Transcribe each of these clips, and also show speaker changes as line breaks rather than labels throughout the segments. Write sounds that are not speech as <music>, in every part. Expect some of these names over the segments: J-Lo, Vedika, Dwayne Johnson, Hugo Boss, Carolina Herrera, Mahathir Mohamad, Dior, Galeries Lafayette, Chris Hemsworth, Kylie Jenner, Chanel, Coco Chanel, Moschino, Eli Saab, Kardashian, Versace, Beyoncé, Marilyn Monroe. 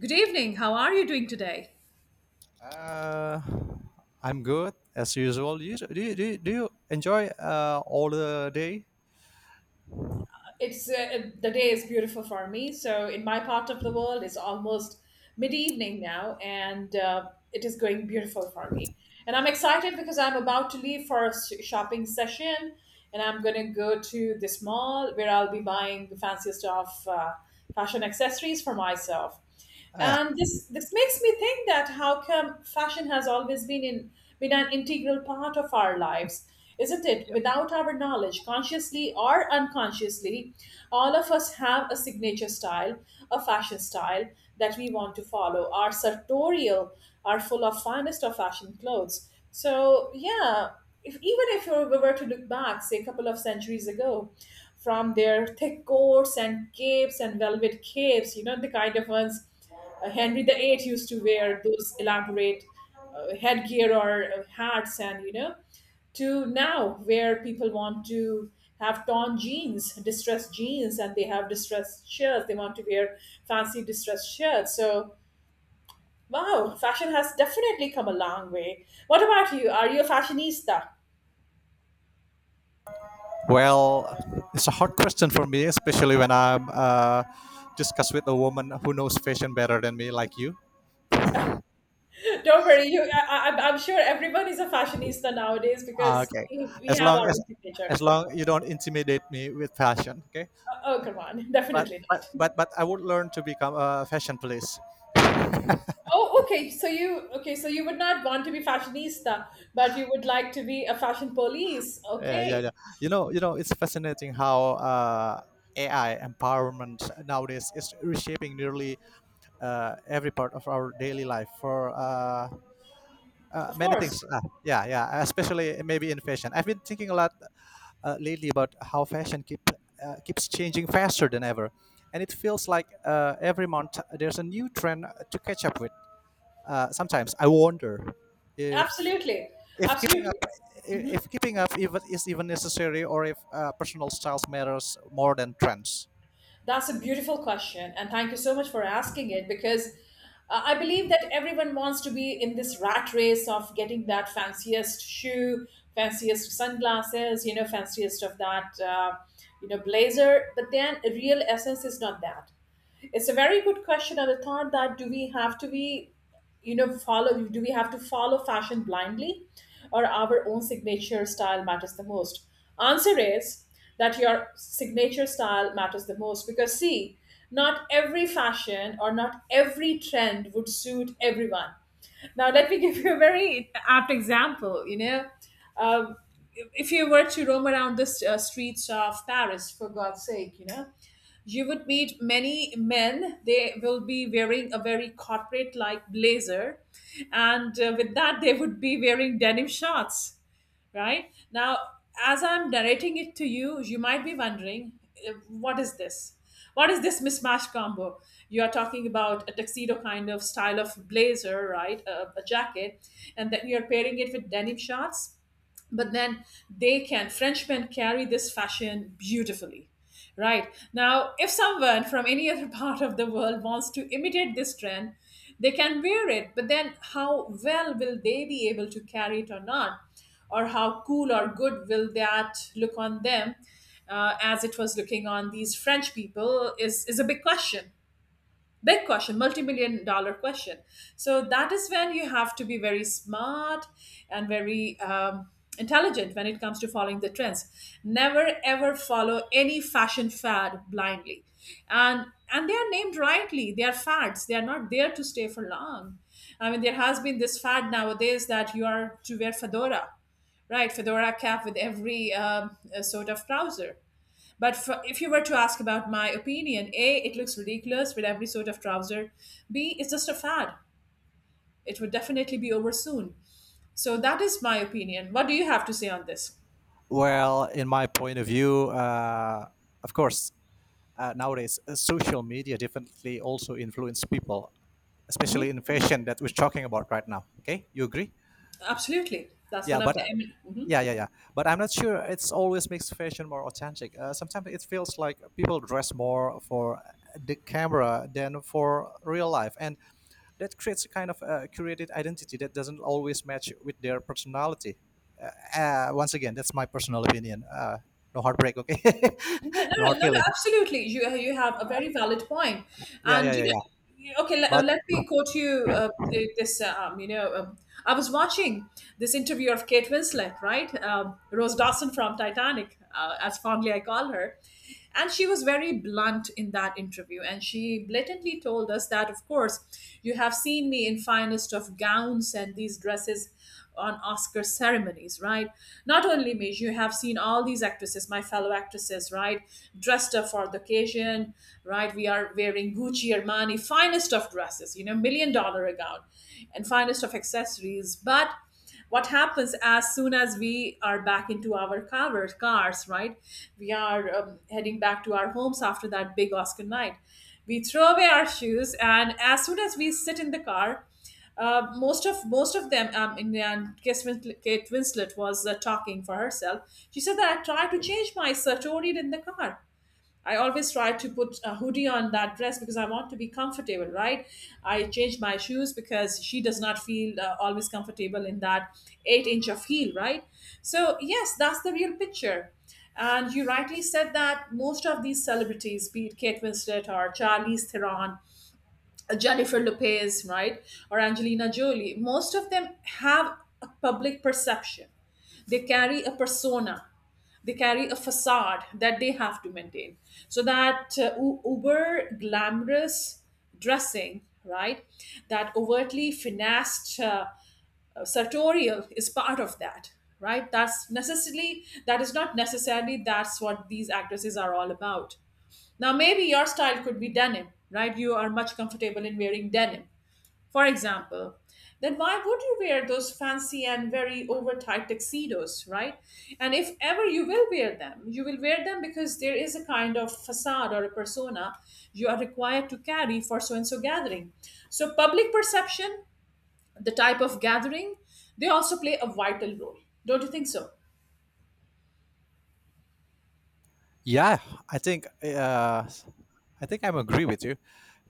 Good evening. How are you doing today?
Uh, I'm good as usual. Do you enjoy all the day?
It's The day is beautiful for me. So in my part of the world, it's almost mid evening now, and it is going beautiful for me. And I'm excited because I'm about to leave for a shopping session, and I'm gonna go to this mall where I'll be buying the fanciest of fashion accessories for myself.
Yeah.
And this makes me think that how come fashion has always been an integral part of our lives, isn't it? Without our knowledge, consciously or unconsciously, all of us have a signature style, a fashion style that we want to follow. Our sartorial are full of finest of fashion clothes, so yeah, if even if you were to look back, say a couple of centuries ago, from their thick coats and capes and velvet capes, you know, the kind of ones Henry the Eighth used to wear, those elaborate headgear or hats, and you know, to now where people want to have torn jeans, distressed jeans, and they have distressed shirts. They want to wear fancy distressed shirts. So, wow, fashion has definitely come a long way. What about you? Are you a fashionista?
Well, it's a hard question for me, especially when I'm discuss with a woman who knows fashion better than me, like you.
<laughs> Don't worry, you. I'm sure everyone is a fashionista nowadays
Ah,
because
okay.
we
As
have
long
our
as
own
as
signature.
long you don't intimidate me with fashion, okay?
Oh, come on, <laughs>
but
definitely
but
not.
but but I would learn to become a fashion police.
Oh, okay. So you okay? So you would not want to be fashionista, but you would like to be a fashion police.
Yeah, yeah, yeah.
Okay,
It's fascinating how AI empowerment nowadays is reshaping nearly every part of our daily life for
of
many
course,
things. Yeah, yeah, especially maybe in fashion. I've been thinking a lot lately about how fashion keeps changing faster than ever, and it feels like every month there's a new trend to catch up with. Sometimes I wonder if
absolutely,
if keeping
absolutely.
up if keeping up even is even necessary or if personal styles matters more than trends.
That's a beautiful question, and thank you so much for asking it because I believe that everyone wants to be in this rat race of getting that fanciest shoe, fanciest sunglasses, you know, fanciest of that, you know, blazer. But then, a real essence is not that. It's a very good question, and the thought that do we have to follow fashion blindly or our own signature style matters the most? Answer is that your signature style matters the most, because see, not every fashion or not every trend would suit everyone. Now let me <laughs> give you a very apt example, you know. um, if you were to roam around the streets of Paris, for God's sake, you know, you would meet many men. They will be wearing a very corporate like blazer. And with that, they would be wearing denim shorts, right? Now, as I'm narrating it to you, you might be wondering, what is this? What is this mismatch combo? You are talking about a tuxedo kind of style of blazer, right? A jacket. And then you're pairing it with denim shorts, but then they can, frenchmen carry this fashion beautifully, right? Now if someone from any other <laughs> part of the world wants to imitate this trend, they can wear it, but then how well will they be able to carry it or not, or how cool or good will that look on them as it was looking on these french people, is a big question. Big question, multi-million dollar question. So that is when you have to be very smart and very intelligent when it comes to following the trends. Never ever follow any fashion fad blindly. and and they are named rightly, they are fads, they are not there to stay for long. I mean, there has been this fad nowadays that you are to wear fedora, right? Fedora cap with every sort of trouser. But for, if you were to ask about my opinion, A, it looks ridiculous with every sort of trouser. B, it's just a fad. It would definitely be over soon. So that is my opinion. What do you have to say on this?
Well, in my point of view, of course, nowadays social media definitely also influence people,
Hmm.
especially in fashion that we're talking about right now. Okay, you agree?
Absolutely. That's
Yeah,
one of
but
the. Mhm.
yeah, yeah, yeah. But I'm not sure it's always makes fashion more authentic. Sometimes it feels like people dress more for the camera than for real life, and that creates a kind of curated identity that doesn't always match with their personality. Uh, Once again, that's my personal opinion. No heartbreak, okay?
No, no,
<laughs> No
no,
hard
no, no,
feeling.
Absolutely. You you have a very valid point,
Yeah,
and
yeah, yeah,
you
yeah.
know, okay. Let,
But
let me quote you this. You know, I was watching this interview of Kate Winslet, right? Rose Dawson from Titanic, as fondly I call her, and she was very blunt in that interview, and she blatantly told us that, of course, course, you have seen me in finest of gowns and these dresses on Oscar ceremonies, right? Not only me, you have seen all these actresses, my fellow actresses, right? Dressed up for the occasion, right? We are wearing Gucci, Armani, finest of dresses, you know, million dollar a gown, and finest of accessories. But what happens as soon as we are back into our cars, right? We are heading back to our homes after that big Oscar night. We throw away our shoes, and as soon as we sit in the car, most of them, in, and Kate Winslet was talking for herself. She said that I tried to change my tone in the car. I always try to put a hoodie on that dress because I want to be comfortable, right? I change my shoes because she does not feel always comfortable in that eight inch of heel, right? So, yes, that's the real picture. And you rightly said that most of these celebrities, be it Kate Winslet or Charlize Theron, Jennifer Lopez, right, or Angelina Jolie, most of them have a public perception. They carry a persona, they carry a facade that they have to maintain, so that uber glamorous dressing, right, that overtly finessed sartorial is part of that, right? That is not necessarily that's what these actresses are all about. Now maybe your style could be denim, right? You are much comfortable in wearing denim, for example, then why would you wear those fancy and very overtight tuxedos, right? And if ever you will wear them, you will wear them because there is a kind of facade or a persona you are required to carry for so and so gathering. So, public perception, the type of gathering, they also play a vital role. Don't you think so?
yeah, I think uh, I think I'm agree with you.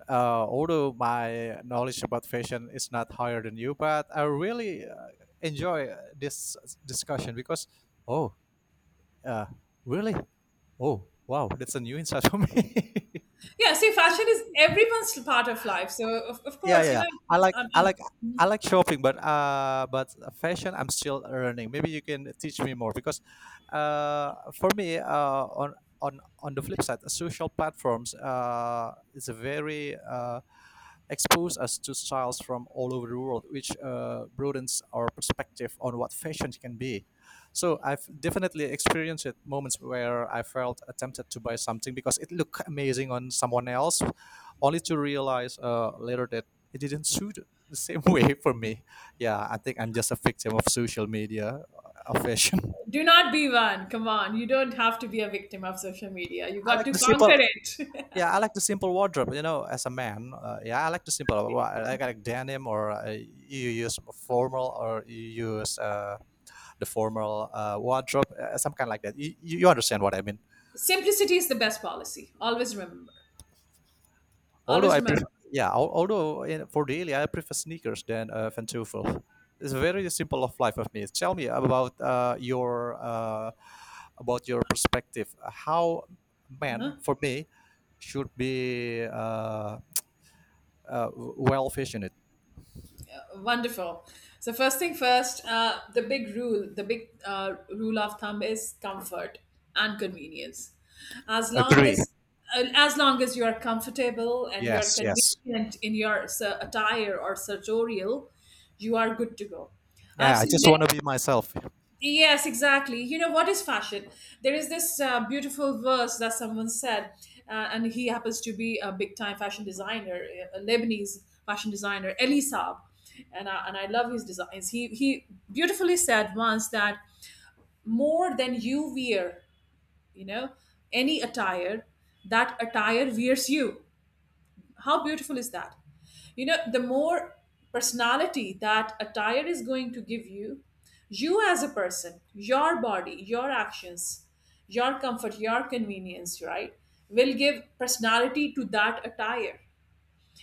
Although my knowledge about fashion is not higher than you, but I really enjoy this discussion because, oh, uh, really? Oh, wow, that's a new insight <laughs> for me.
Yeah, see, fashion is everyone's part of life. So, of
Yeah, yeah,
course, you
yeah.
know, I mean,
I like shopping, but but fashion, I'm still learning. Maybe you can teach me more because, for me, on the flip side, social platforms is a very expose us to styles from all over the world, which broadens our perspective on what fashion can be. So I've definitely experienced it moments where I felt tempted to buy something because it looked amazing on someone else, only to realize later that it didn't suit the same <laughs> way for me. Yeah, I think I'm just a victim of social media, of fashion. <laughs>
do not be one. Come on. You don't have to be a victim of social media. You
I
got
like
to
the simple
conquer it. <laughs>
Yeah, I like the simple wardrobe. You know, as a man, yeah, I like the simple.
Exactly.
I like denim, or you use formal, or you use the formal wardrobe, some kind like that. You understand what I mean?
Simplicity is the best policy. Always remember.
Although
Always
I
remember.
prefer, yeah, although in, for daily I prefer sneakers than Ventuvel. It's very simple of life of me. Tell me about your perspective. How men
Uh-huh.
for me should be well fashioned.
Wonderful. So first thing first, the big rule of thumb is comfort and convenience. As long
Agree.
as as long as you are comfortable and you are
Yes, yes.
convenient in your attire or sartorial, you are good to go. I've
Yeah, I
seen
just want
many.
to be myself.
Yes, exactly. You know what is fashion? There is this beautiful verse that someone said, and he happens to be a big time fashion designer, a Lebanese fashion designer, Eli Saab, and I love his designs. He beautifully said once that more than you wear, you know, any attire, that attire wears you. How beautiful is that? You know, the more personality that attire is going to give you, you as a person, your body, your actions, your comfort, your convenience, right, will give personality to that attire.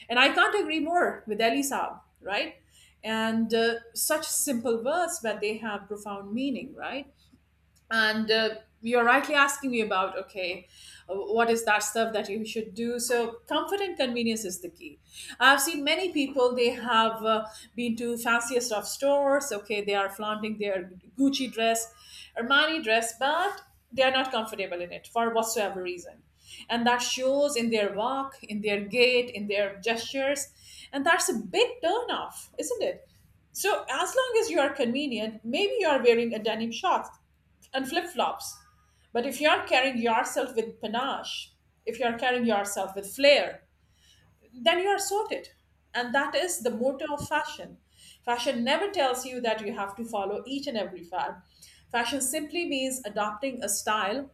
And I can't agree more with Elisab, right. And such simple words, but they have profound meaning, right. And you're rightly asking me about, okay, what is that stuff that you should do. So comfort and convenience is the key. I've seen many people, they have been to fanciest of stores, okay, they are flaunting their Gucci dress, Armani dress, but they are not comfortable in it for whatsoever reason, and that shows in their walk, in their gait, in their gestures. And that's a big turn off, isn't it? So as long as you are convenient, maybe you are wearing a denim shorts and flip flops, but if you're carrying yourself with panache, if you're carrying yourself with flair, then you are sorted. And that is the motto of fashion. Fashion never tells you that you have to follow each and every fad. Fashion simply means adopting a style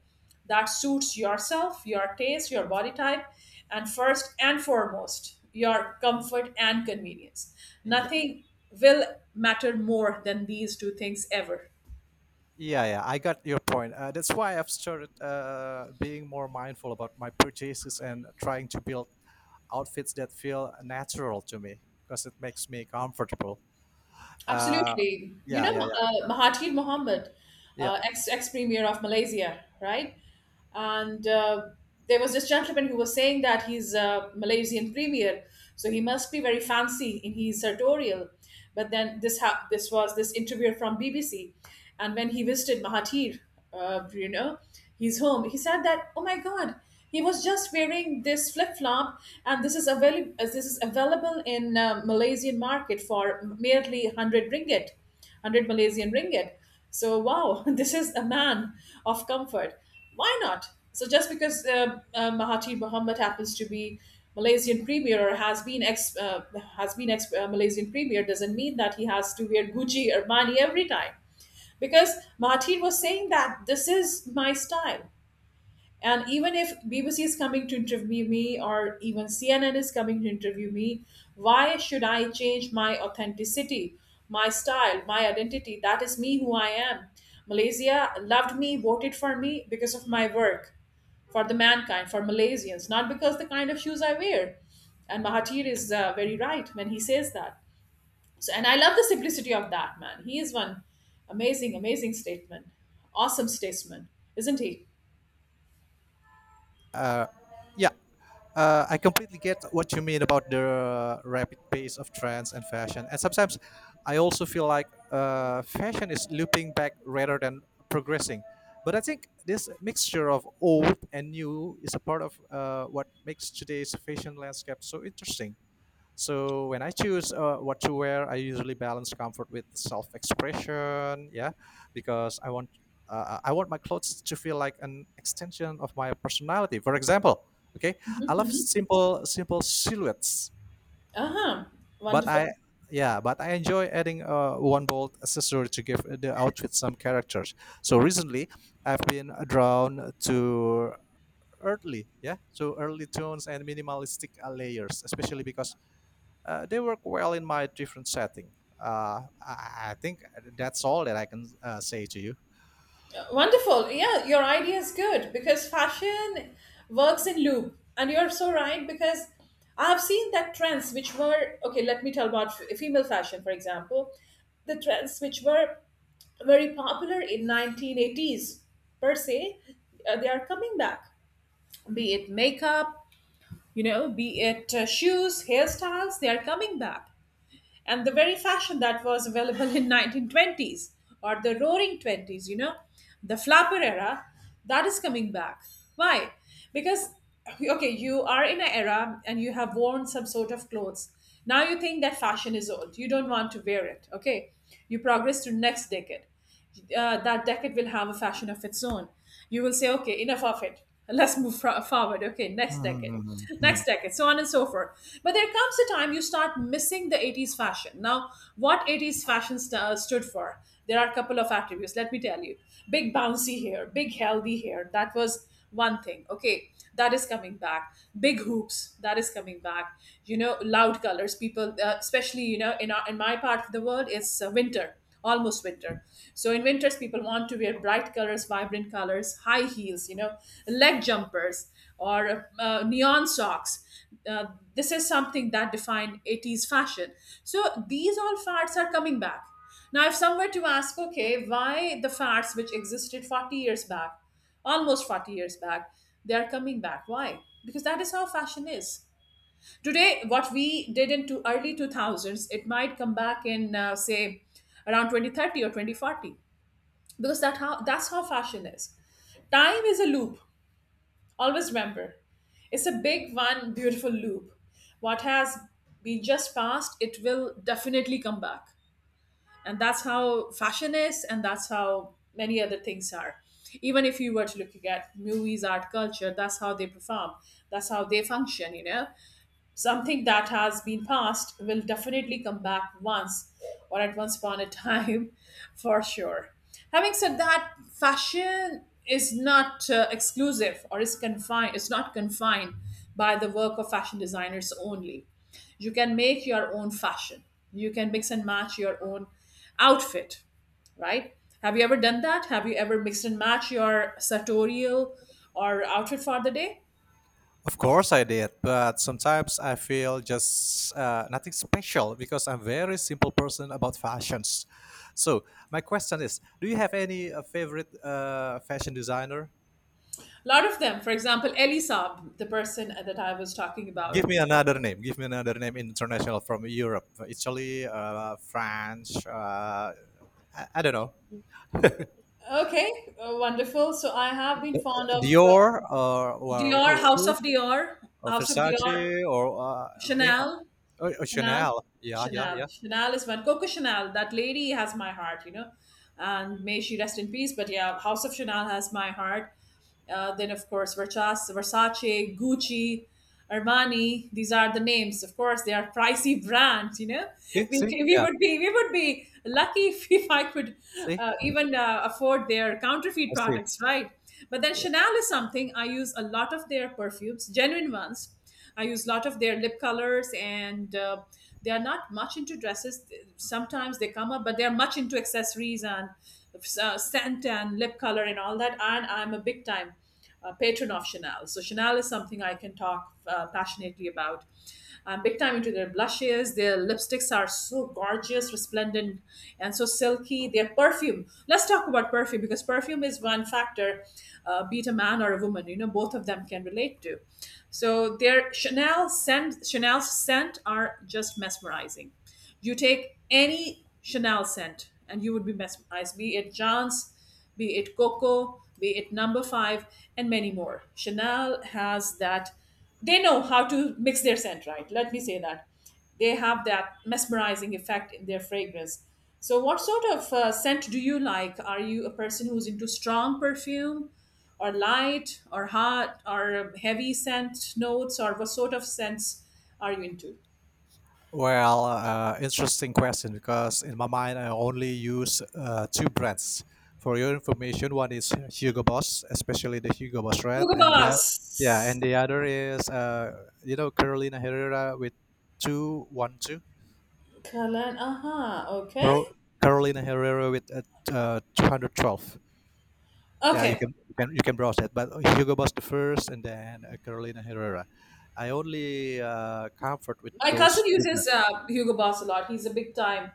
that suits yourself, your taste, your body type, and first and foremost, your comfort and convenience.
Yeah,
Nothing will matter more than these two things ever.
yeah, yeah. I got your point. That's why I've started being more mindful about my purchases and trying to build outfits that feel natural to me because it makes me comfortable. Uh,
Absolutely. You
yeah,
know,
yeah, yeah,
Mahathir Mohamad,
yeah.
ex premier of Malaysia, right? And there was this gentleman who was saying that he's a Malaysian premier, so he must be very fancy in his sartorial. But then this was this interviewer from BBC, and when he visited Mahathir, you know, his home, he said that, oh my God. He was just wearing this flip flop, and this is available. This is available in Malaysian market for merely 100 ringgit, 100 Malaysian ringgit. So wow, <laughs> this is a man of comfort. Why not? So just because Mahathir Mohamad happens to be Malaysian premier or has been ex Malaysian premier doesn't mean that he has to wear Gucci Armani every time because Mahathir was saying that this is my style. And even if BBC is coming to interview me or even CNN is coming to interview me, why should I change my authenticity, my style, my identity? That is me who I am. Malaysia loved me, voted for me because of my work for the mankind, for Malaysians, not because the kind of shoes I wear. And Mahathir is very right when he says that. So, and I love the simplicity of that man. He is one amazing, amazing statesman, awesome statesman, isn't he?
Uh, yeah. I completely get what you mean about the rapid pace of trends and fashion. And sometimes I also feel like fashion is looping back rather than progressing. But I think this mixture of old and new is a part of what makes today's fashion landscape so interesting. So when I choose what to wear, I usually balance comfort with self-expression. Yeah, because I want my clothes to feel like an extension of my personality. For example, okay, I love simple silhouettes,
Uh huh.
but
Wonderful.
I yeah, but I enjoy adding one bold accessory to give the outfit some characters. So recently, I've been drawn to earthly, yeah, so early tones and minimalistic layers, especially because they work well in my different setting. I think that's all that I can say to you.
Wonderful. Yeah, your idea is good because fashion works in loop. And you're so right because I've seen that trends which were, okay, let me tell about female fashion, for example, the trends which were very popular in 1980s per se, they are coming back. Be it makeup, you know, be it shoes, hairstyles, they are coming back, and the very fashion that was available in 1920s or the roaring 20s, you know, the flapper era, that is coming back. Why? Because, okay, you are in an era and you have worn some sort of clothes. Now you think that fashion is old, you don't want to wear it. Okay, you progress to next decade. That decade will have a fashion of its own. You will say, okay, enough of it. Let's move <laughs> forward. Okay, next
<laughs>
decade, so on and so forth. But there comes a time you start missing the 80s fashion. Now, what 80s fashion stood for? There are a couple of attributes, let me tell you. Big bouncy hair, big healthy hair. That was one thing. Okay, that is coming back. Big hoops, that is coming back. You know, loud colors. People, especially, you know, in my part of the world, it's winter, almost winter. So in winters, people want to wear bright colors, vibrant colors, high heels, you know, leg jumpers or neon socks. Uh, this is something that defined 80s fashion. So these all fads are coming back. Now, if someone were to ask, okay, why the fads which existed 40 years back, almost 40 years back, they are coming back. Why? Because that is how fashion is. Today, what we did in two early 2000s, it might come back in, say, around 2030 or 2040, because that's how fashion is. Time is a loop, always remember. It's a big, one beautiful loop. What has been just passed, it will definitely come back. And that's how fashion is, and that's how many other things are. Even if you were to look at movies, art, culture, that's how they perform, that's how they function, you know. Something that has been past will definitely come back once, or at once upon a time, <laughs> for sure. Having said that, fashion is not exclusive or is confined. It's not confined by the work of fashion designers only. You can make your own fashion. You can mix and match your own outfit, right? Have you ever done that? Have you ever mixed and match your sartorial or outfit for the day?
Of course I did, but sometimes I feel just nothing special because I'm very simple person about fashions. So my question is, do you have any favorite fashion designer?
A lot of them. For example, Ellie Saab, the person that I was talking
Give
about.
me another name. Give me another name international from Europe, Italy, France. I don't know,
Okay, wonderful. So I have been fond of
Dior or
Dior,
who,
House
who?
of Dior,
Or
House of Dior,
Versace eh,
Chanel,
or
Chanel,
Chanel. Yeah, yeah,
Chanel.
yeah.
Chanel is one. Coco Chanel, that lady has my heart, you know, and may she rest in peace. But yeah, House of Chanel has my heart. Then, of course, Versace, Versace, Gucci, Armani. These are the names. Of course, they are pricey <laughs> brands. You know,
See, see,
we
yeah,
would be we would be lucky <laughs> if I could
see,
even afford their counterfeit
I see.
products, right? But then Chanel is something I use a lot of their perfumes, genuine ones. I use a lot of their lip colors, and they are not much into dresses. Sometimes they come up, but they are much into accessories and scent and lip color and all that. And I'm a big time patron of Chanel, so Chanel is something I can talk passionately about. Big time into their blushes. Their lipsticks are so gorgeous, resplendent, and so silky. Their perfume. Let's talk about perfume because perfume is one factor, be it a man or a woman. You know, both of them can relate to. So their Chanel scent, Chanel's scent are just mesmerizing. You take any Chanel scent, and you would be mesmerized. Be it John's, be it Coco, be it No. 5, and many more. Chanel has that, they know how to mix their scent right. Let me say that. They have that mesmerizing effect in their fragrance. So, what sort of scent do you like? Are you a person who's into strong perfume, or light, or hot, or heavy scent notes, or what sort of scents are you into?
Well, interesting question because in my mind I only use two brands. For your information, one is Hugo Boss, especially the Hugo Boss Red,
Hugo
and yeah, yeah,
Boss.
and the other is Carolina Herrera with 212.
Kalan. Aha. Okay.
Carol, Carolina Herrera with 212. Yeah, you
Okay.
can you can you can browse that. But Hugo Boss the first, and then Carolina Herrera. I only comfort with
My
those
cousin
two
uses
brands.
Hugo Boss a lot. He's a big time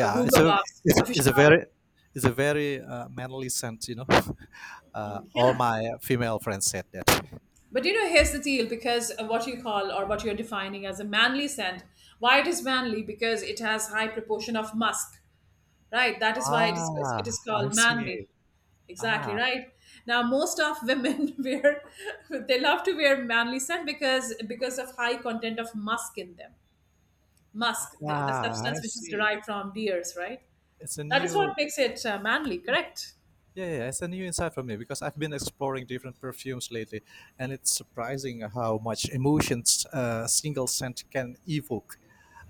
it's
Hugo
a
Boss
it's a, it's a
aficionado.
very manly scent. <laughs> All
Yeah.
my female friends said that.
But you know, here's the deal. Because of what you call or what you're defining as a manly scent, why it is manly? Because it has high proportion of musk, right? That is why it is, it is
I
called
see.
manly. Exactly,
ah
right? Now, most of women <laughs> wear, they love to wear manly scent because of high content of musk in them. Musk, the substance
I
which is
see.
derived from deers, right?
It's a
That is what
new
makes it manly, correct?
Yeah, yeah, yeah, it's a new insight for me because I've been exploring different perfumes lately, and it's surprising how much emotions a single scent can evoke.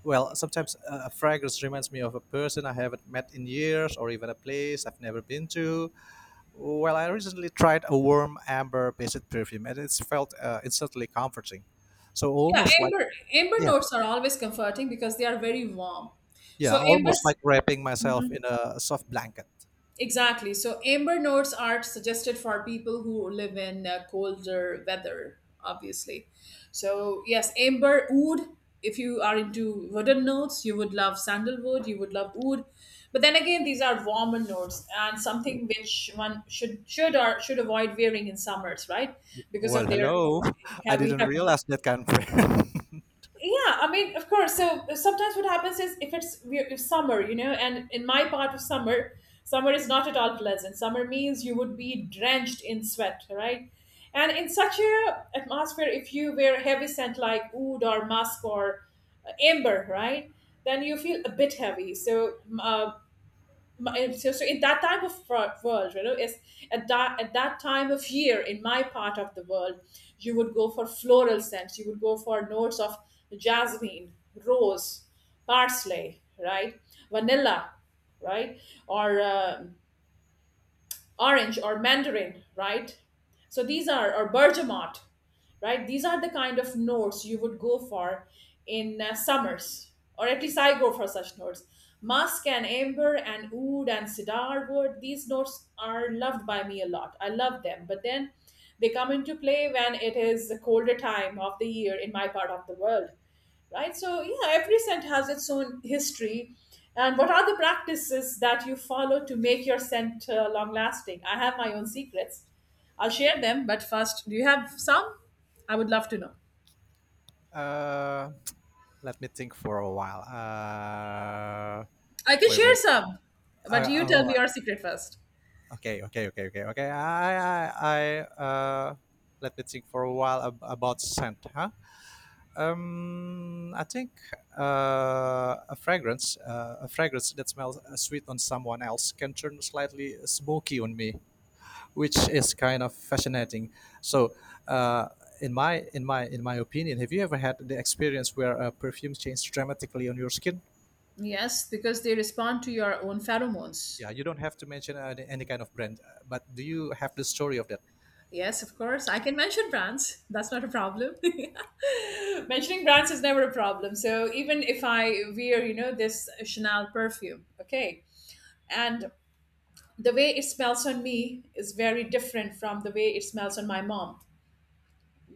Well, sometimes a fragrance reminds me of a person I haven't met in years or even a place I've never been to. Well, I recently tried a warm amber based perfume and it's felt instantly comforting. So
Yeah,
almost like,
amber
yeah,
notes are always comforting because they are very warm.
yeah,
So amber,
almost like wrapping myself in a soft blanket.
exactly. So amber notes are suggested for people who live in colder weather, obviously. So yes, amber wood. If you are into wooden notes, you would love sandalwood. You would love wood. But then again, these are warmer notes and something which one should or should avoid wearing in summers, right? Because
Well,
of their
hello. <laughs> I
heavy,
didn't
heavy,
realize that can.
yeah, I mean, of course. So sometimes what happens is, if it's if summer, you know, and in my part of summer is not at all pleasant. Summer means you would be drenched in sweat, right? And in such a atmosphere, if you wear heavy scent like oud or musk or amber, right, then you feel a bit heavy. So so in that type of world, you know, is at that time of year in my part of the world, you would go for floral scents. You would go for notes of jasmine, rose, parsley, right, vanilla, right, or orange or mandarin, right? So these are, or bergamot, right? These are the kind of notes you would go for in summers, or at least I go for such notes. Musk and amber and oud and cedar wood, these notes are loved by me a lot. I love them, but then they come into play when it is a colder time of the year in my part of the world, right? So yeah, every scent has its own history. And what are the practices that you follow to make your scent long lasting? I have my own secrets. I'll share them, but first, do you have some? I would love to know.
<laughs> Uh, Let me think for a while.
I can
Wait, wait.
share
wait.
some, but you tell
Oh,
me your secret first.
okay, okay, okay, okay, okay. I uh, Let me think for a while about scent, huh? I think a fragrance that smells sweet on someone else can turn slightly smoky on me, which is kind of fascinating. So, uh, in my opinion, have you ever had the experience where a perfume changed dramatically on your skin?
Yes, because they respond to your own pheromones.
Yeah, you don't have to mention any kind of brand, but do you have the story of that?
Yes, of course. I can mention brands. That's not a problem. <laughs> Mentioning brands is never a problem. So even if I wear, you know, this Chanel perfume, okay, and the way it smells on me is very different from the way it smells on my mom.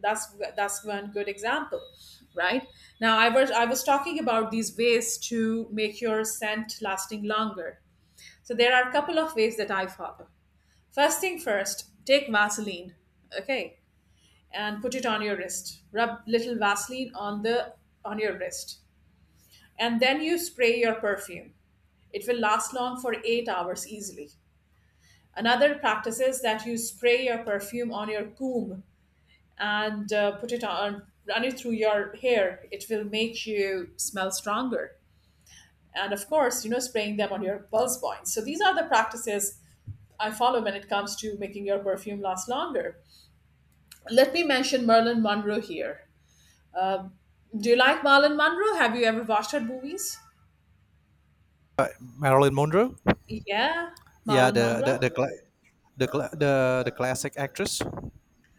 That's one good example, right. Now, I was talking about these ways to make your scent lasting longer. So there are a couple of ways that I follow. First thing first, take vaseline, okay, and put it on your wrist. Rub little vaseline on the on your wrist, and then you spray your perfume. It will last long for 8 hours easily. Another practice is that you spray your perfume on your comb and put it on, run it through your hair. It will make you smell stronger. And of course, you know, spraying them on your pulse points. So these are the practices I follow when it comes to making your perfume last longer. Let me mention Marilyn Monroe here. Um, do you like Marilyn Monroe? Have you ever watched her movies?
Marilyn Monroe.
Yeah,
Yeah,
Marilyn
the the
Monroe.
the cla- the cla- the, the classic actress.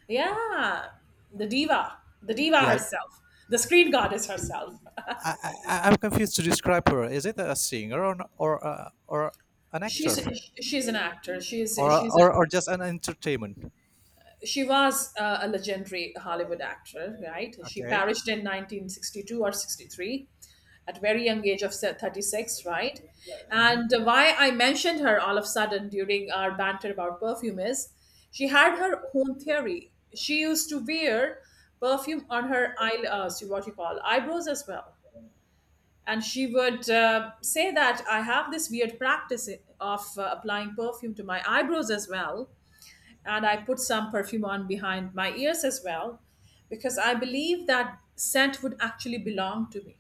Yeah, the diva
Yeah,
herself, the screen goddess herself.
I'm confused to describe her. Is it a singer or an actor
She's she's an actor. She's
or a-
she's
or
a,
or just an entertainment?
she was a legendary Hollywood actor, right? She
Okay.
perished in 1962 or 63 at a very young age of 36, right?
Hmm.
And why I mentioned her all of a sudden during our banter about perfume is she had her own theory. She used to wear perfume on her eye, see what you call eyebrows as well. And she would say that I have this weird practice of applying perfume to my eyebrows as well, and I put some perfume on behind my ears as well because I believe that scent would actually belong to me.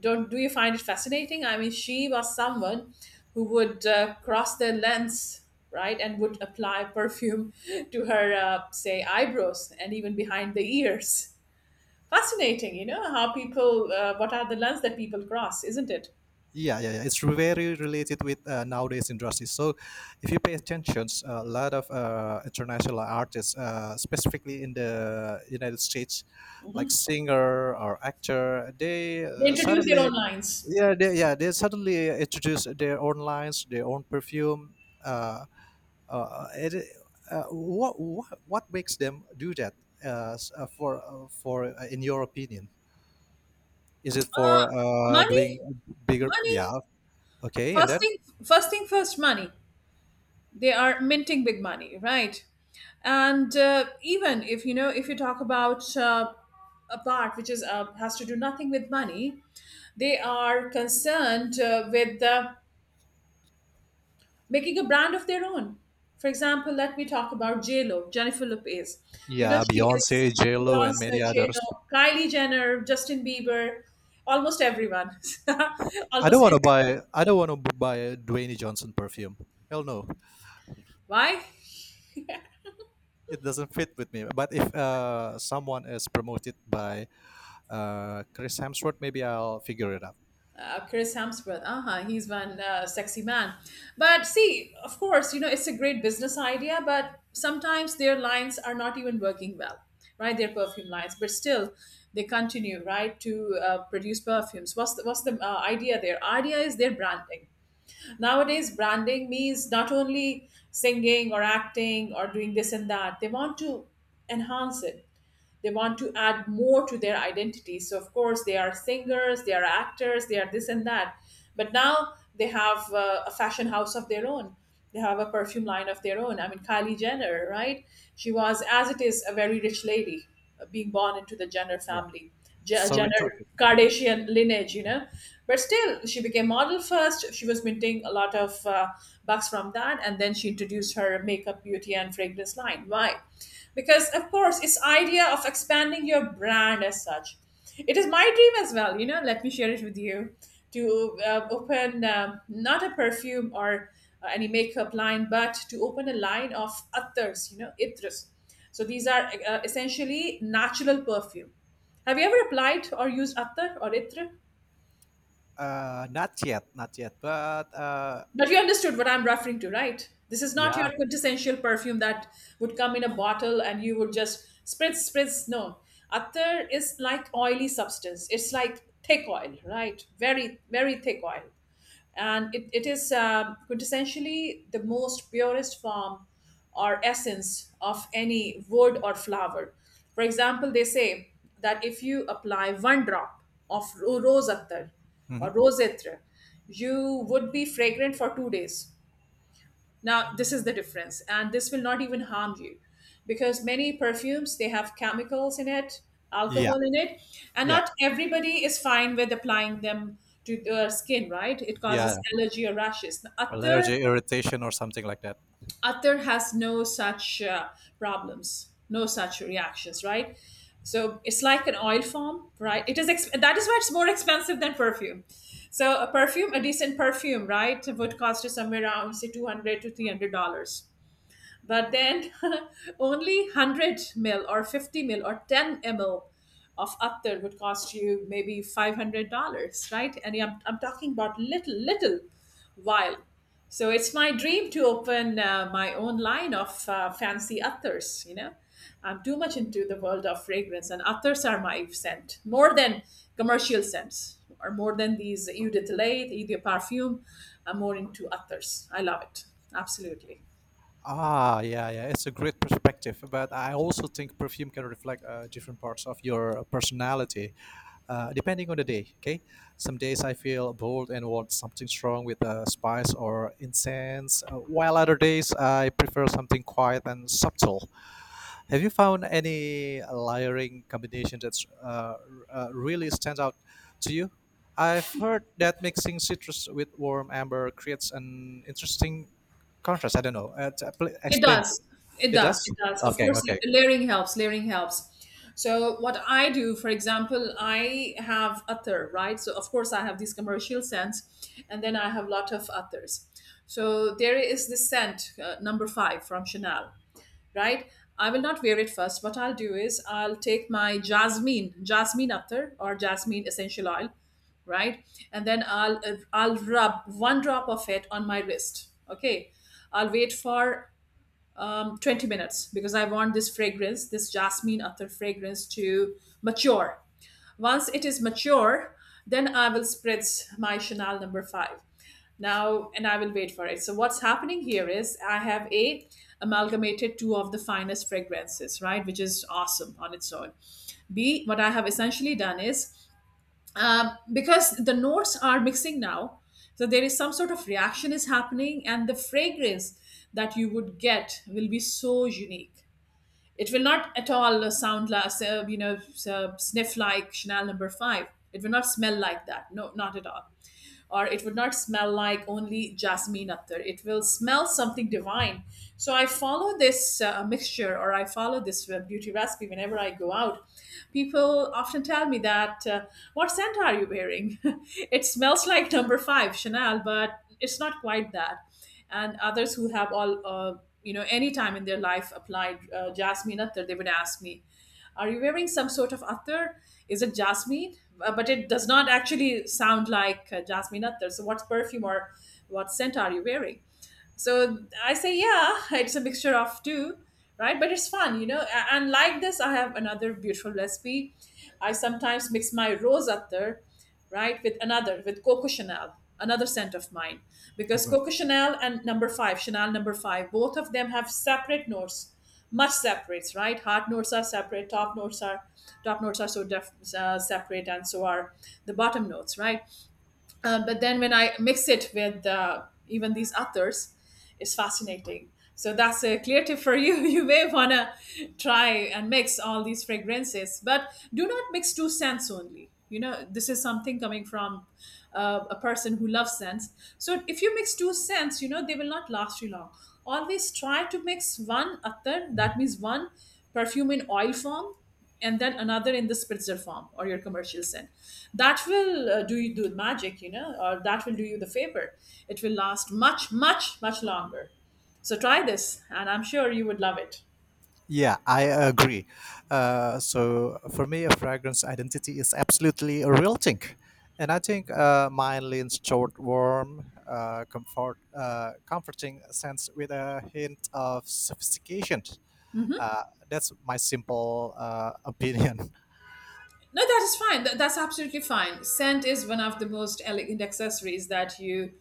Don't Do you find it fascinating? I mean, she was someone who would cross their lens, right, and would apply perfume <laughs> to her, say, eyebrows and even behind the ears. Fascinating, you know, how people, what are the lens that people cross, isn't it?
Yeah, yeah, yeah. It's very related with nowadays industry. So, if you pay attention, a lot of international artists, specifically in the United States, like singer or actor, they
They introduce their
suddenly,
own lines.
yeah they suddenly introduce their own lines, their own perfume. uh, uh, it, what makes them do that, s- for in your opinion? Is it
Uh,
for
money,
doing bigger? Yeah,
money.
okay. And
First
then,
thing, first thing first, money. They are minting big money, right? And even, if you know, if you talk about a part which is has to do nothing with money, they are concerned with making a brand of their own. For example, let me talk about JLo, Jennifer Lopez. You know,
yeah,
she
Beyonce,
is
J-Lo, and
Beyonce,
many others.
JLo, Kylie Jenner, Justin Bieber, almost everyone. <laughs>
I don't
Almost
want to
everyone.
buy I don't want to buy a Dwayne Johnson perfume. Hell no.
Why?
It doesn't fit with me, but if someone is promoted by Chris Hemsworth, maybe I'll figure it out.
Chris Hemsworth. Uh huh. He's one sexy man. But see, of course, you know, it's a great business idea, but sometimes their lines are not even working well, right? Their perfume lines, but still they continue, right, to produce perfumes. What's the idea there? Idea is their branding. Nowadays, branding means not only singing or acting or doing this and that. They want to enhance it, they want to add more to their identity. So of course they are singers, they are actors, they are this and that, but now they have a fashion house of their own, they have a perfume line of their own. I mean, Kylie Jenner, right? She was as it is a very rich lady, being born into the Jenner
Yeah.
family.
So we're
Jenner
talking.
Kardashian lineage, you know. But still, she became model first. She was minting a lot of bucks from that, and then she introduced her makeup, beauty, and fragrance line. Why? Because of course, it's idea of expanding your brand as such. It is my dream as well. You know, let me share it with you to open, um, not a perfume or any makeup line, but to open a line of others. You know, itras. So these are essentially natural perfume. Have you ever applied or used Atta or Itra?
Not yet, not yet, but
But you understood what I'm referring to, right? This is not
yeah,
your quintessential perfume that would come in a bottle and you would just spritz, spritz. No. Attar is like oily substance. It's like thick oil, right? Very, very thick oil. And it is, um, quintessentially the most purest form or essence of any wood or flower. For example, they say that if you apply one drop of rose attar or
hmm,
rose etre, you would be fragrant for 2 days. Now, this is the difference, and this will not even harm you, because many perfumes they have chemicals in it,
yeah,
alcohol in it, and
yeah,
not everybody is fine with applying them to their skin, right? It causes
yeah.
allergy or rashes. Now, attar
Allergy, irritation, or something like that.
other has no such problems, no such reactions, right? So it's like an oil form, right? It is that is why it's more expensive than perfume. So a perfume, a decent perfume, right, would cost you somewhere around, say, two hundred to three hundred dollars. But then <laughs> only 100 mil or 50 mil or 10 ml of attar would cost you maybe $500, right? And I'm talking about little, little while. So it's my dream to open my own line of fancy attars, you know. I'm too much into the world of fragrance, and others are my scent more than commercial scents, or more than these Eau de Toilette, Eau de Parfum. I'm more into others. I love it absolutely.
Ah, yeah, yeah. It's a great perspective, but I also think perfume can reflect different parts of your personality, depending on the day. Okay, some days I feel bold and want something strong with spice or incense, while other days I prefer something quiet and subtle. Have you found any layering combination that uh, really stands out to you? I've heard that mixing citrus with warm amber creates an interesting contrast. I don't know.
It
Explain to
does.
me.
It
It
does.
does?
It does. Of
Okay,
course,
okay.
layering helps. Layering helps. So what I do, for example, I have other, right? So of course I have these commercial scents, and then I have lot of others. So there is this scent number five from Chanel, right? I will not wear it first. What I'll do is I'll take my jasmine, jasmine attar or jasmine essential oil, right, and then I'll rub one drop of it on my wrist. Okay, I'll wait for, 20 minutes, because I want this fragrance, this jasmine atar fragrance to mature. Once it is mature, then I will spritz my Chanel number five. Now, and I will wait for it. So what's happening here is I have a amalgamated two of the finest fragrances, right, which is awesome on its own. B, what I have essentially done is, because the notes are mixing now, so there is some sort of reaction is happening, and the fragrance that you would get will be so unique. It will not at all sound like, you know, sniff like Chanel number five. It will not smell like that, no, not at all, or it would not smell like only jasmine attar. It will smell something divine. So I follow this mixture, or I follow this beauty recipe whenever I go out. People often tell me that, what scent are you wearing? <laughs> It smells like number five, Chanel, but it's not quite that. And others who have all, you know, any time in their life applied jasmine attar, they would ask me, are you wearing some sort of attar? Is it jasmine? But it does not actually sound like jasmine attar. So what perfume or what scent are you wearing? So I say, yeah, it's a mixture of two, right? But it's fun, you know. And like this, I have another beautiful recipe. I sometimes mix my rose attar, right, with another, with Coco Chanel, another scent of mine, because Coco Chanel and number 5, Chanel number 5, both of them have separate notes, much separates, right? Heart notes are separate, top notes are, top notes are so separate, and so are the bottom notes, right? Uh, but then when I mix it with even these authors, it's fascinating. So that's a clear tip for you. <laughs> You may wanna try and mix all these fragrances, but do not mix two scents only. You know, this is something coming from a person who loves scents. So if you mix two scents, you know, they will not last you long. Always try to mix one attar. That means one perfume in oil form, and then another in the spritzer form or your commercial scent. That will do you do the magic, you know, or that will do you the favor. It will last much, much, much longer. So try this, and I'm sure you would love it.
Yeah, I agree. So for me, a fragrance identity is absolutely a real thing, and I think mine leans toward warm, comforting sense with a hint of sophistication. Uh, that's my simple opinion. <laughs>
No, that is fine. That's absolutely fine. Scent is one of the most elegant accessories that you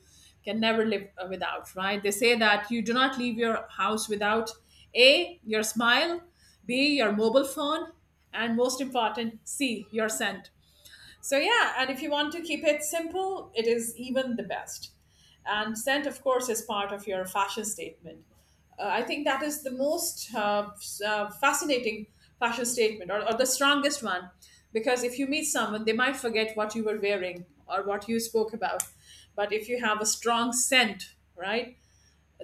can never live without, right? They say that you do not leave your house without A, your smile, B, your mobile phone, and most important, C, your scent. So yeah, and if you want to keep it simple, it is even the best. And scent, of course, is part of your fashion statement. I think that is the most fascinating fashion statement, or the strongest one, because if you meet someone, they might forget what you were wearing or what you spoke about. But if you have a strong scent, right,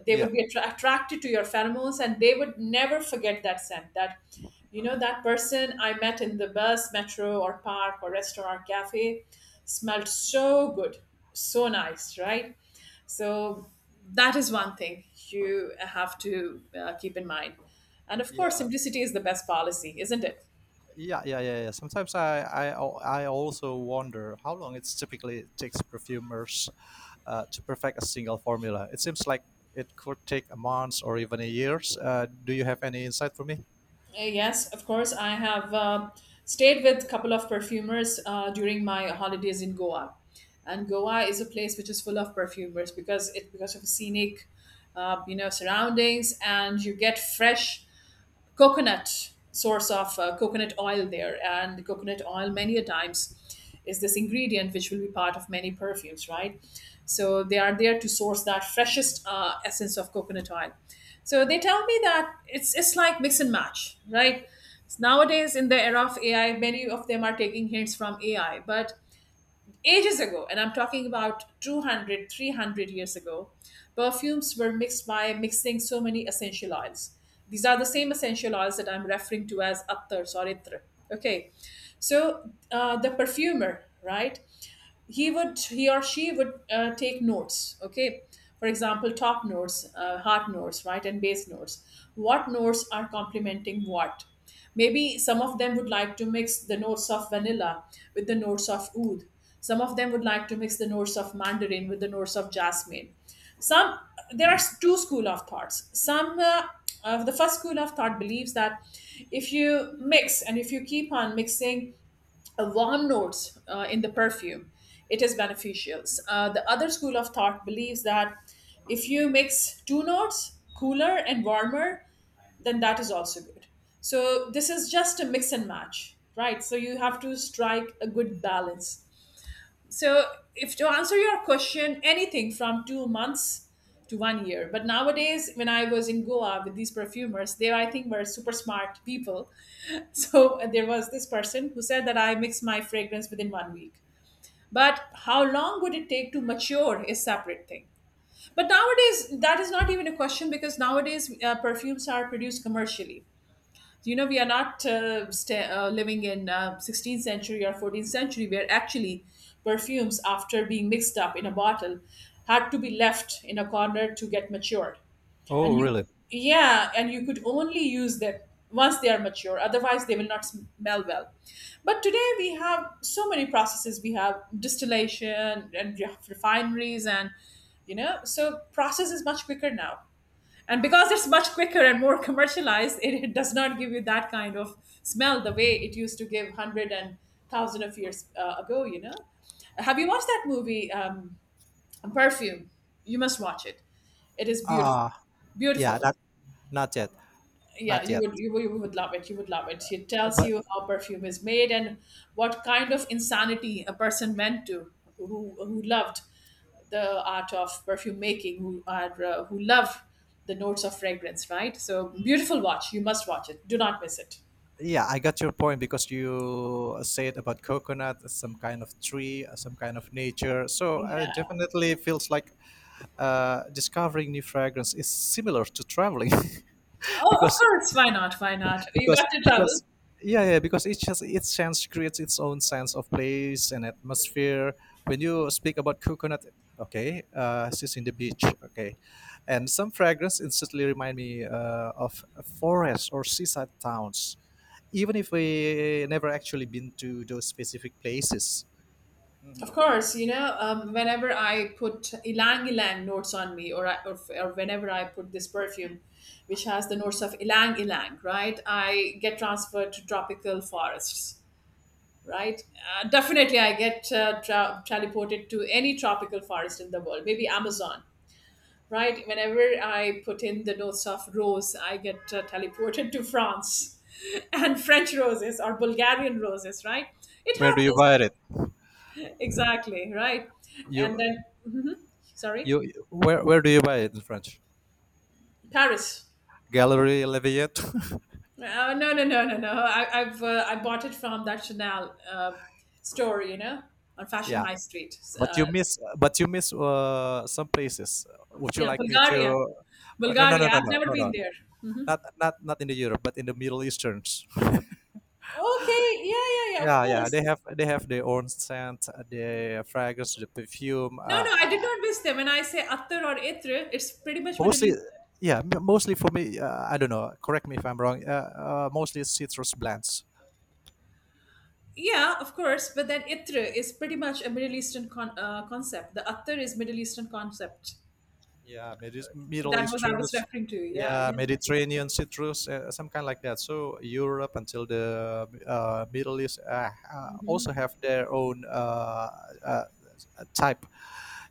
they
Yeah.
would be attracted to your pheromones, and they would never forget that scent, that, you know, that person I met in the bus, metro, or park, or restaurant, cafe smelled so good, so nice, right? So that is one thing you have to keep in mind. And of course,
Yeah.
simplicity is the best policy, isn't it?
Yeah, yeah, yeah, yeah. Sometimes I also wonder how long it typically takes perfumers to perfect a single formula. It seems like it could take a month or even a years. Do you have any insight for me?
Yes, of course. I have stayed with a couple of perfumers during my holidays in Goa, and Goa is a place which is full of perfumers because it because of scenic, surroundings, and you get fresh coconut, source of coconut oil there, and the coconut oil many a times is this ingredient which will be part of many perfumes, right? So they are there to source that freshest essence of coconut oil. So they tell me that it's like mix and match, right? Nowadays in the era of AI, many of them are taking hints from AI, but ages ago, and I'm talking about 200 300 years ago, perfumes were mixed by mixing so many essential oils. These are the same essential oils that I'm referring to as attars or itr. Okay, so the perfumer, right? He or she would take notes, okay? For example, top notes, heart notes, right, and base notes. What notes are complementing what? Maybe some of them would like to mix the notes of vanilla with the notes of oud. Some of them would like to mix the notes of mandarin with the notes of jasmine. Some, there are two school of thoughts. Some uh, uh, the first school of thought believes that if you mix and if you keep on mixing warm notes in the perfume, it is beneficial. The other school of thought believes that if you mix two notes, cooler and warmer, then that is also good. So this is just a mix and match, right? So you have to strike a good balance. So if to answer your question, anything from 2 months to 1 year. But nowadays, when I was in Goa with these perfumers, they, I think, were super smart people. <laughs> So there was this person who said that I mix my fragrance within 1 week. But how long would it take to mature is separate thing. But nowadays, that is not even a question, because nowadays perfumes are produced commercially. You know, we are not sta living in 16th century or 14th century, where actually perfumes, after being mixed up in a bottle, had to be left in a corner to get matured. And
Oh,
you could,
really?
yeah, and you could only use them once they are mature, otherwise they will not smell well. But today we have so many processes. We have distillation and you have refineries and, you know, so process is much quicker now. And because it's much quicker and more commercialized, it does not give you that kind of smell the way it used to give hundred and thousand of years ago. You know, have you watched that movie, Perfume? You must watch it. It is beautiful,
Ah, yeah,
beautiful.
not yet,
Yeah,
not yet.
you would love it, you would love it. It tells
But
you how perfume is made and what kind of insanity a person went to, who loved the art of perfume making, who are who love the notes of fragrance, right? So beautiful, watch, you must watch it, do not miss it.
yeah, I got your point because you said about coconut, as some kind of tree, as some kind of nature. So
Yeah.
definitely feels like discovering new fragrance is similar to traveling. <laughs>
Oh, of
because
course, why not, why not? You
because
got to travel.
because yeah, yeah, because each has its sense creates its own sense of place and atmosphere. When you speak about coconut, okay, she's in the beach, okay, and some fragrance instantly remind me of a forest or seaside towns, even if we never actually been to those specific places.
Of
Hmm.
course, you know, whenever I put ylang ylang notes on me, or whenever I put this perfume which has the notes of ylang ylang, right? I get transferred to tropical forests, right? Definitely, I get teleported to any tropical forest in the world, maybe Amazon, right? Whenever I put in the notes of rose, I get teleported to France. <laughs> And French roses or Bulgarian roses, right? It
Where do you
happens.
buy it?
Exactly, right. And
You
then, mhm, sorry,
you Where do you buy it in French?
Paris.
Gallery Lafayette. <laughs>
No, no, no, no, no. I've I bought it from that Chanel store, you know, on Fashion
Yeah,
High Street.
but
Uh,
you miss some places. Would you
yeah,
like me to?
Bulgaria,
Oh, no, no, no,
Bulgaria.
no,
I've
no,
never
no, no.
been there.
Not in the Europe, but in the Middle Easterns.
Okay, yeah, yeah, yeah. Of
Yeah, yeah. They
course.
have they have their own scent, the fragrance, the perfume.
No, no, I did not miss them. When I say Attar or Itr, it's pretty much Middle
Mostly,
Eastern.
yeah, mostly for me, I don't know, correct me if I'm wrong, mostly citrus blends.
Yeah, of course. But then Itr is pretty much a Middle Eastern concept. The Attar is Middle Eastern concept.
Yeah, Middle
That was I
Eastern,
was referring to. Yeah,
yeah,
yeah.
Mediterranean citrus, some kind like that. So Europe until the Middle East also have their own uh, type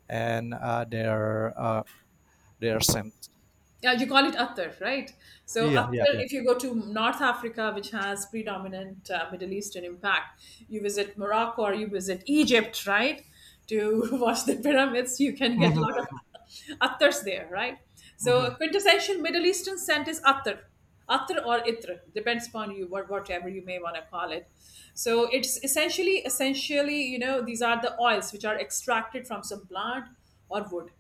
and their scent.
Yeah, you call it Attar, right? So
Yeah, yeah,
Attar,
yeah.
if you go to North Africa, which has predominant Middle Eastern impact, you visit Morocco or you visit Egypt, right? To <laughs> watch the pyramids, you can get a lot of
Mm-hmm,
Attars there, right? So a
mm-hmm.
quintessential Middle Eastern scent is Attar. Attar or Itr, depends upon you, whatever you may want to call it. So it's essentially, essentially, you know, these are the oils which are extracted from some plant or wood,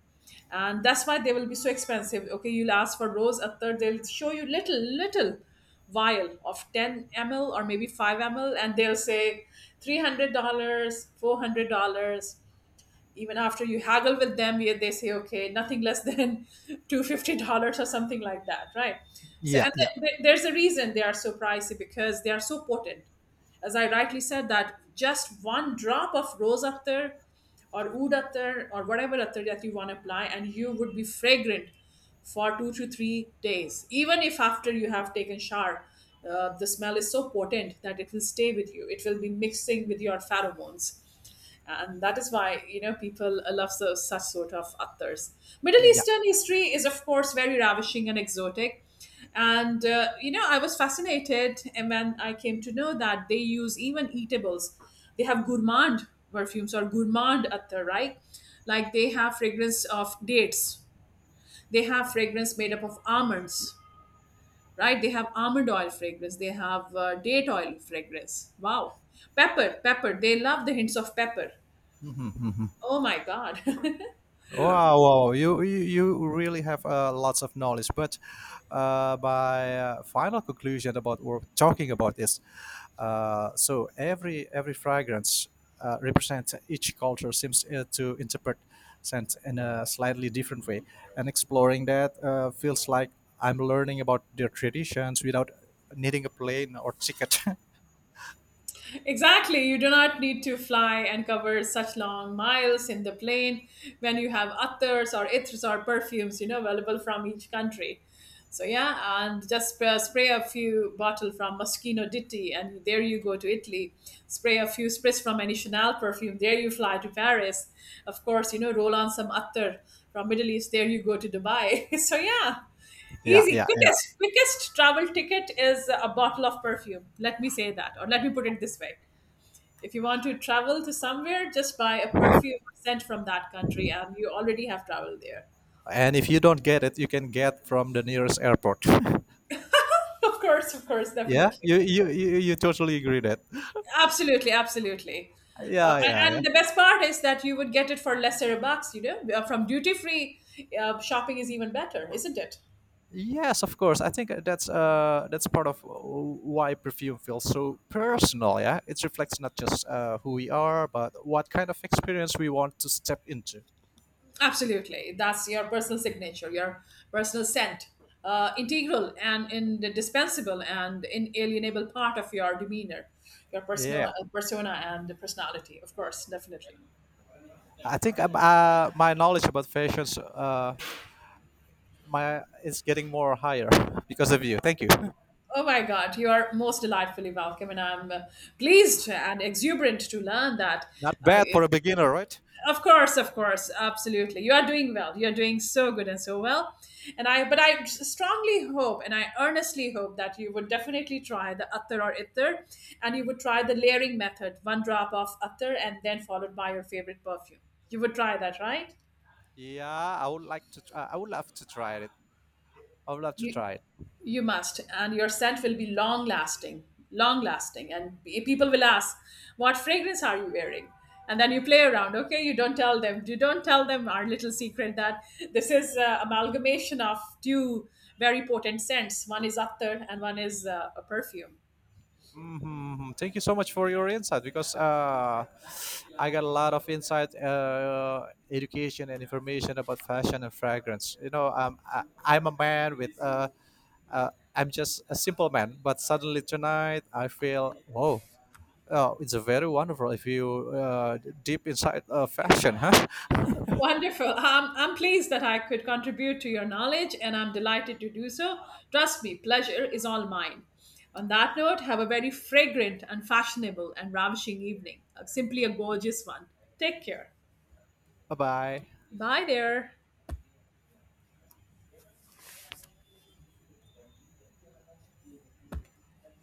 and that's why they will be so expensive. Okay, you'll ask for rose attar, they'll show you little little vial of 10 ml or maybe 5 ml, and they'll say $300, $400, even after you haggle with them. Yeah, they say okay, nothing less than <laughs> $250 or something like that, right? So,
Yeah,
and
yeah,
there's a reason they are so pricey, because they are so potent. As I rightly said, that just one drop of rose attar or oud attar or whatever attar that you want to apply, and you would be fragrant for 2 to 3 days, even if after you have taken shower. Uh, the smell is so potent that it will stay with you, it will be mixing with your pheromones, and that is why, you know, people love so, such sort of authors. Middle
yeah.
Eastern history is of course very ravishing and exotic, and I was fascinated, and when I came to know that they use even eatables. They have gourmand perfumes or gourmand attar, right? Like they have fragrance of dates, they have fragrance made up of almonds, right? They have almond oil fragrance, they have date oil fragrance. Wow, pepper, pepper, they love the hints of pepper.
Mhm, mhm.
Oh my God. <laughs>
Wow, wow, you really have lots of knowledge. But my final conclusion about what we're talking about is, so every fragrance represents, each culture seems to interpret scent in a slightly different way, and exploring that feels like I'm learning about their traditions without needing a plane or ticket.
Exactly. You do not need to fly and cover such long miles in the plane, when you have attars or ithrs or perfumes, you know, available from each country. So yeah, and just spray, spray a few bottle from Moschino Ditti, and there you go to Italy. Spray a few sprays from any Chanel perfume, there you fly to Paris. Of course, you know, roll on some attar from Middle East, there you go to Dubai. <laughs> So yeah.
<laughs> Yeah,
Easy,
yeah,
quickest, quickest travel ticket is a bottle of perfume. Let me say that, or let me put it this way. If you want to travel to somewhere, just buy a perfume sent from that country, and you already have traveled there. <laughs>
and if you don't get it, you can get from the nearest airport.
Of course,
<laughs> Yeah,
definitely.
you totally agree that,
Absolutely, absolutely.
yeah, yeah, yeah.
And the best part is that you would get it for lesser bucks, you know. From duty free shopping is even better, isn't it?
Yes, of course. I think that's part of why perfume feels so personal. Yeah, it reflects not just who we are but what kind of experience we want to step into.
Absolutely. That's your personal signature, your personal scent, integral and indispensable and inalienable part of your demeanor, your
Yeah,
persona, persona and personality, of course, definitely.
I think my knowledge about fashions my is getting more higher <laughs> because of you. Thank you.
Oh my God, you are most delightfully welcome, and I'm pleased and exuberant to learn that.
Not
Uh,
bad for a beginner, right?
of course, of course, absolutely, you are doing well, you are doing so good and so well. And i but i strongly hope, and I earnestly hope, that you would definitely try the attar or ittar, and you would try the layering method, one drop of attar and then followed by your favorite perfume. You would try that, right?
Yeah, I would like to. I would love to try it. I would love to
You
try it.
you must, and your scent will be long lasting, and people will ask, "What fragrance are you wearing?" And then you play around. Okay, you don't tell them, you don't tell them our little secret, that this is amalgamation of two very potent scents. One is attar and one is a perfume.
Hmm. Thank you so much for your insight because I got a lot of insight, education, and information about fashion and fragrance. You know, I'm a man with. Uh, I'm just a simple man, but suddenly tonight I feel whoa. Oh, it's a very wonderful if you deep inside fashion, huh?
Wonderful. I'm pleased that I could contribute to your knowledge, and I'm delighted to do so. Trust me, pleasure is all mine. On that note, have a very fragrant and fashionable and ravishing evening. Simply a gorgeous one. Take care.
<laughs> Bye bye.
Bye there.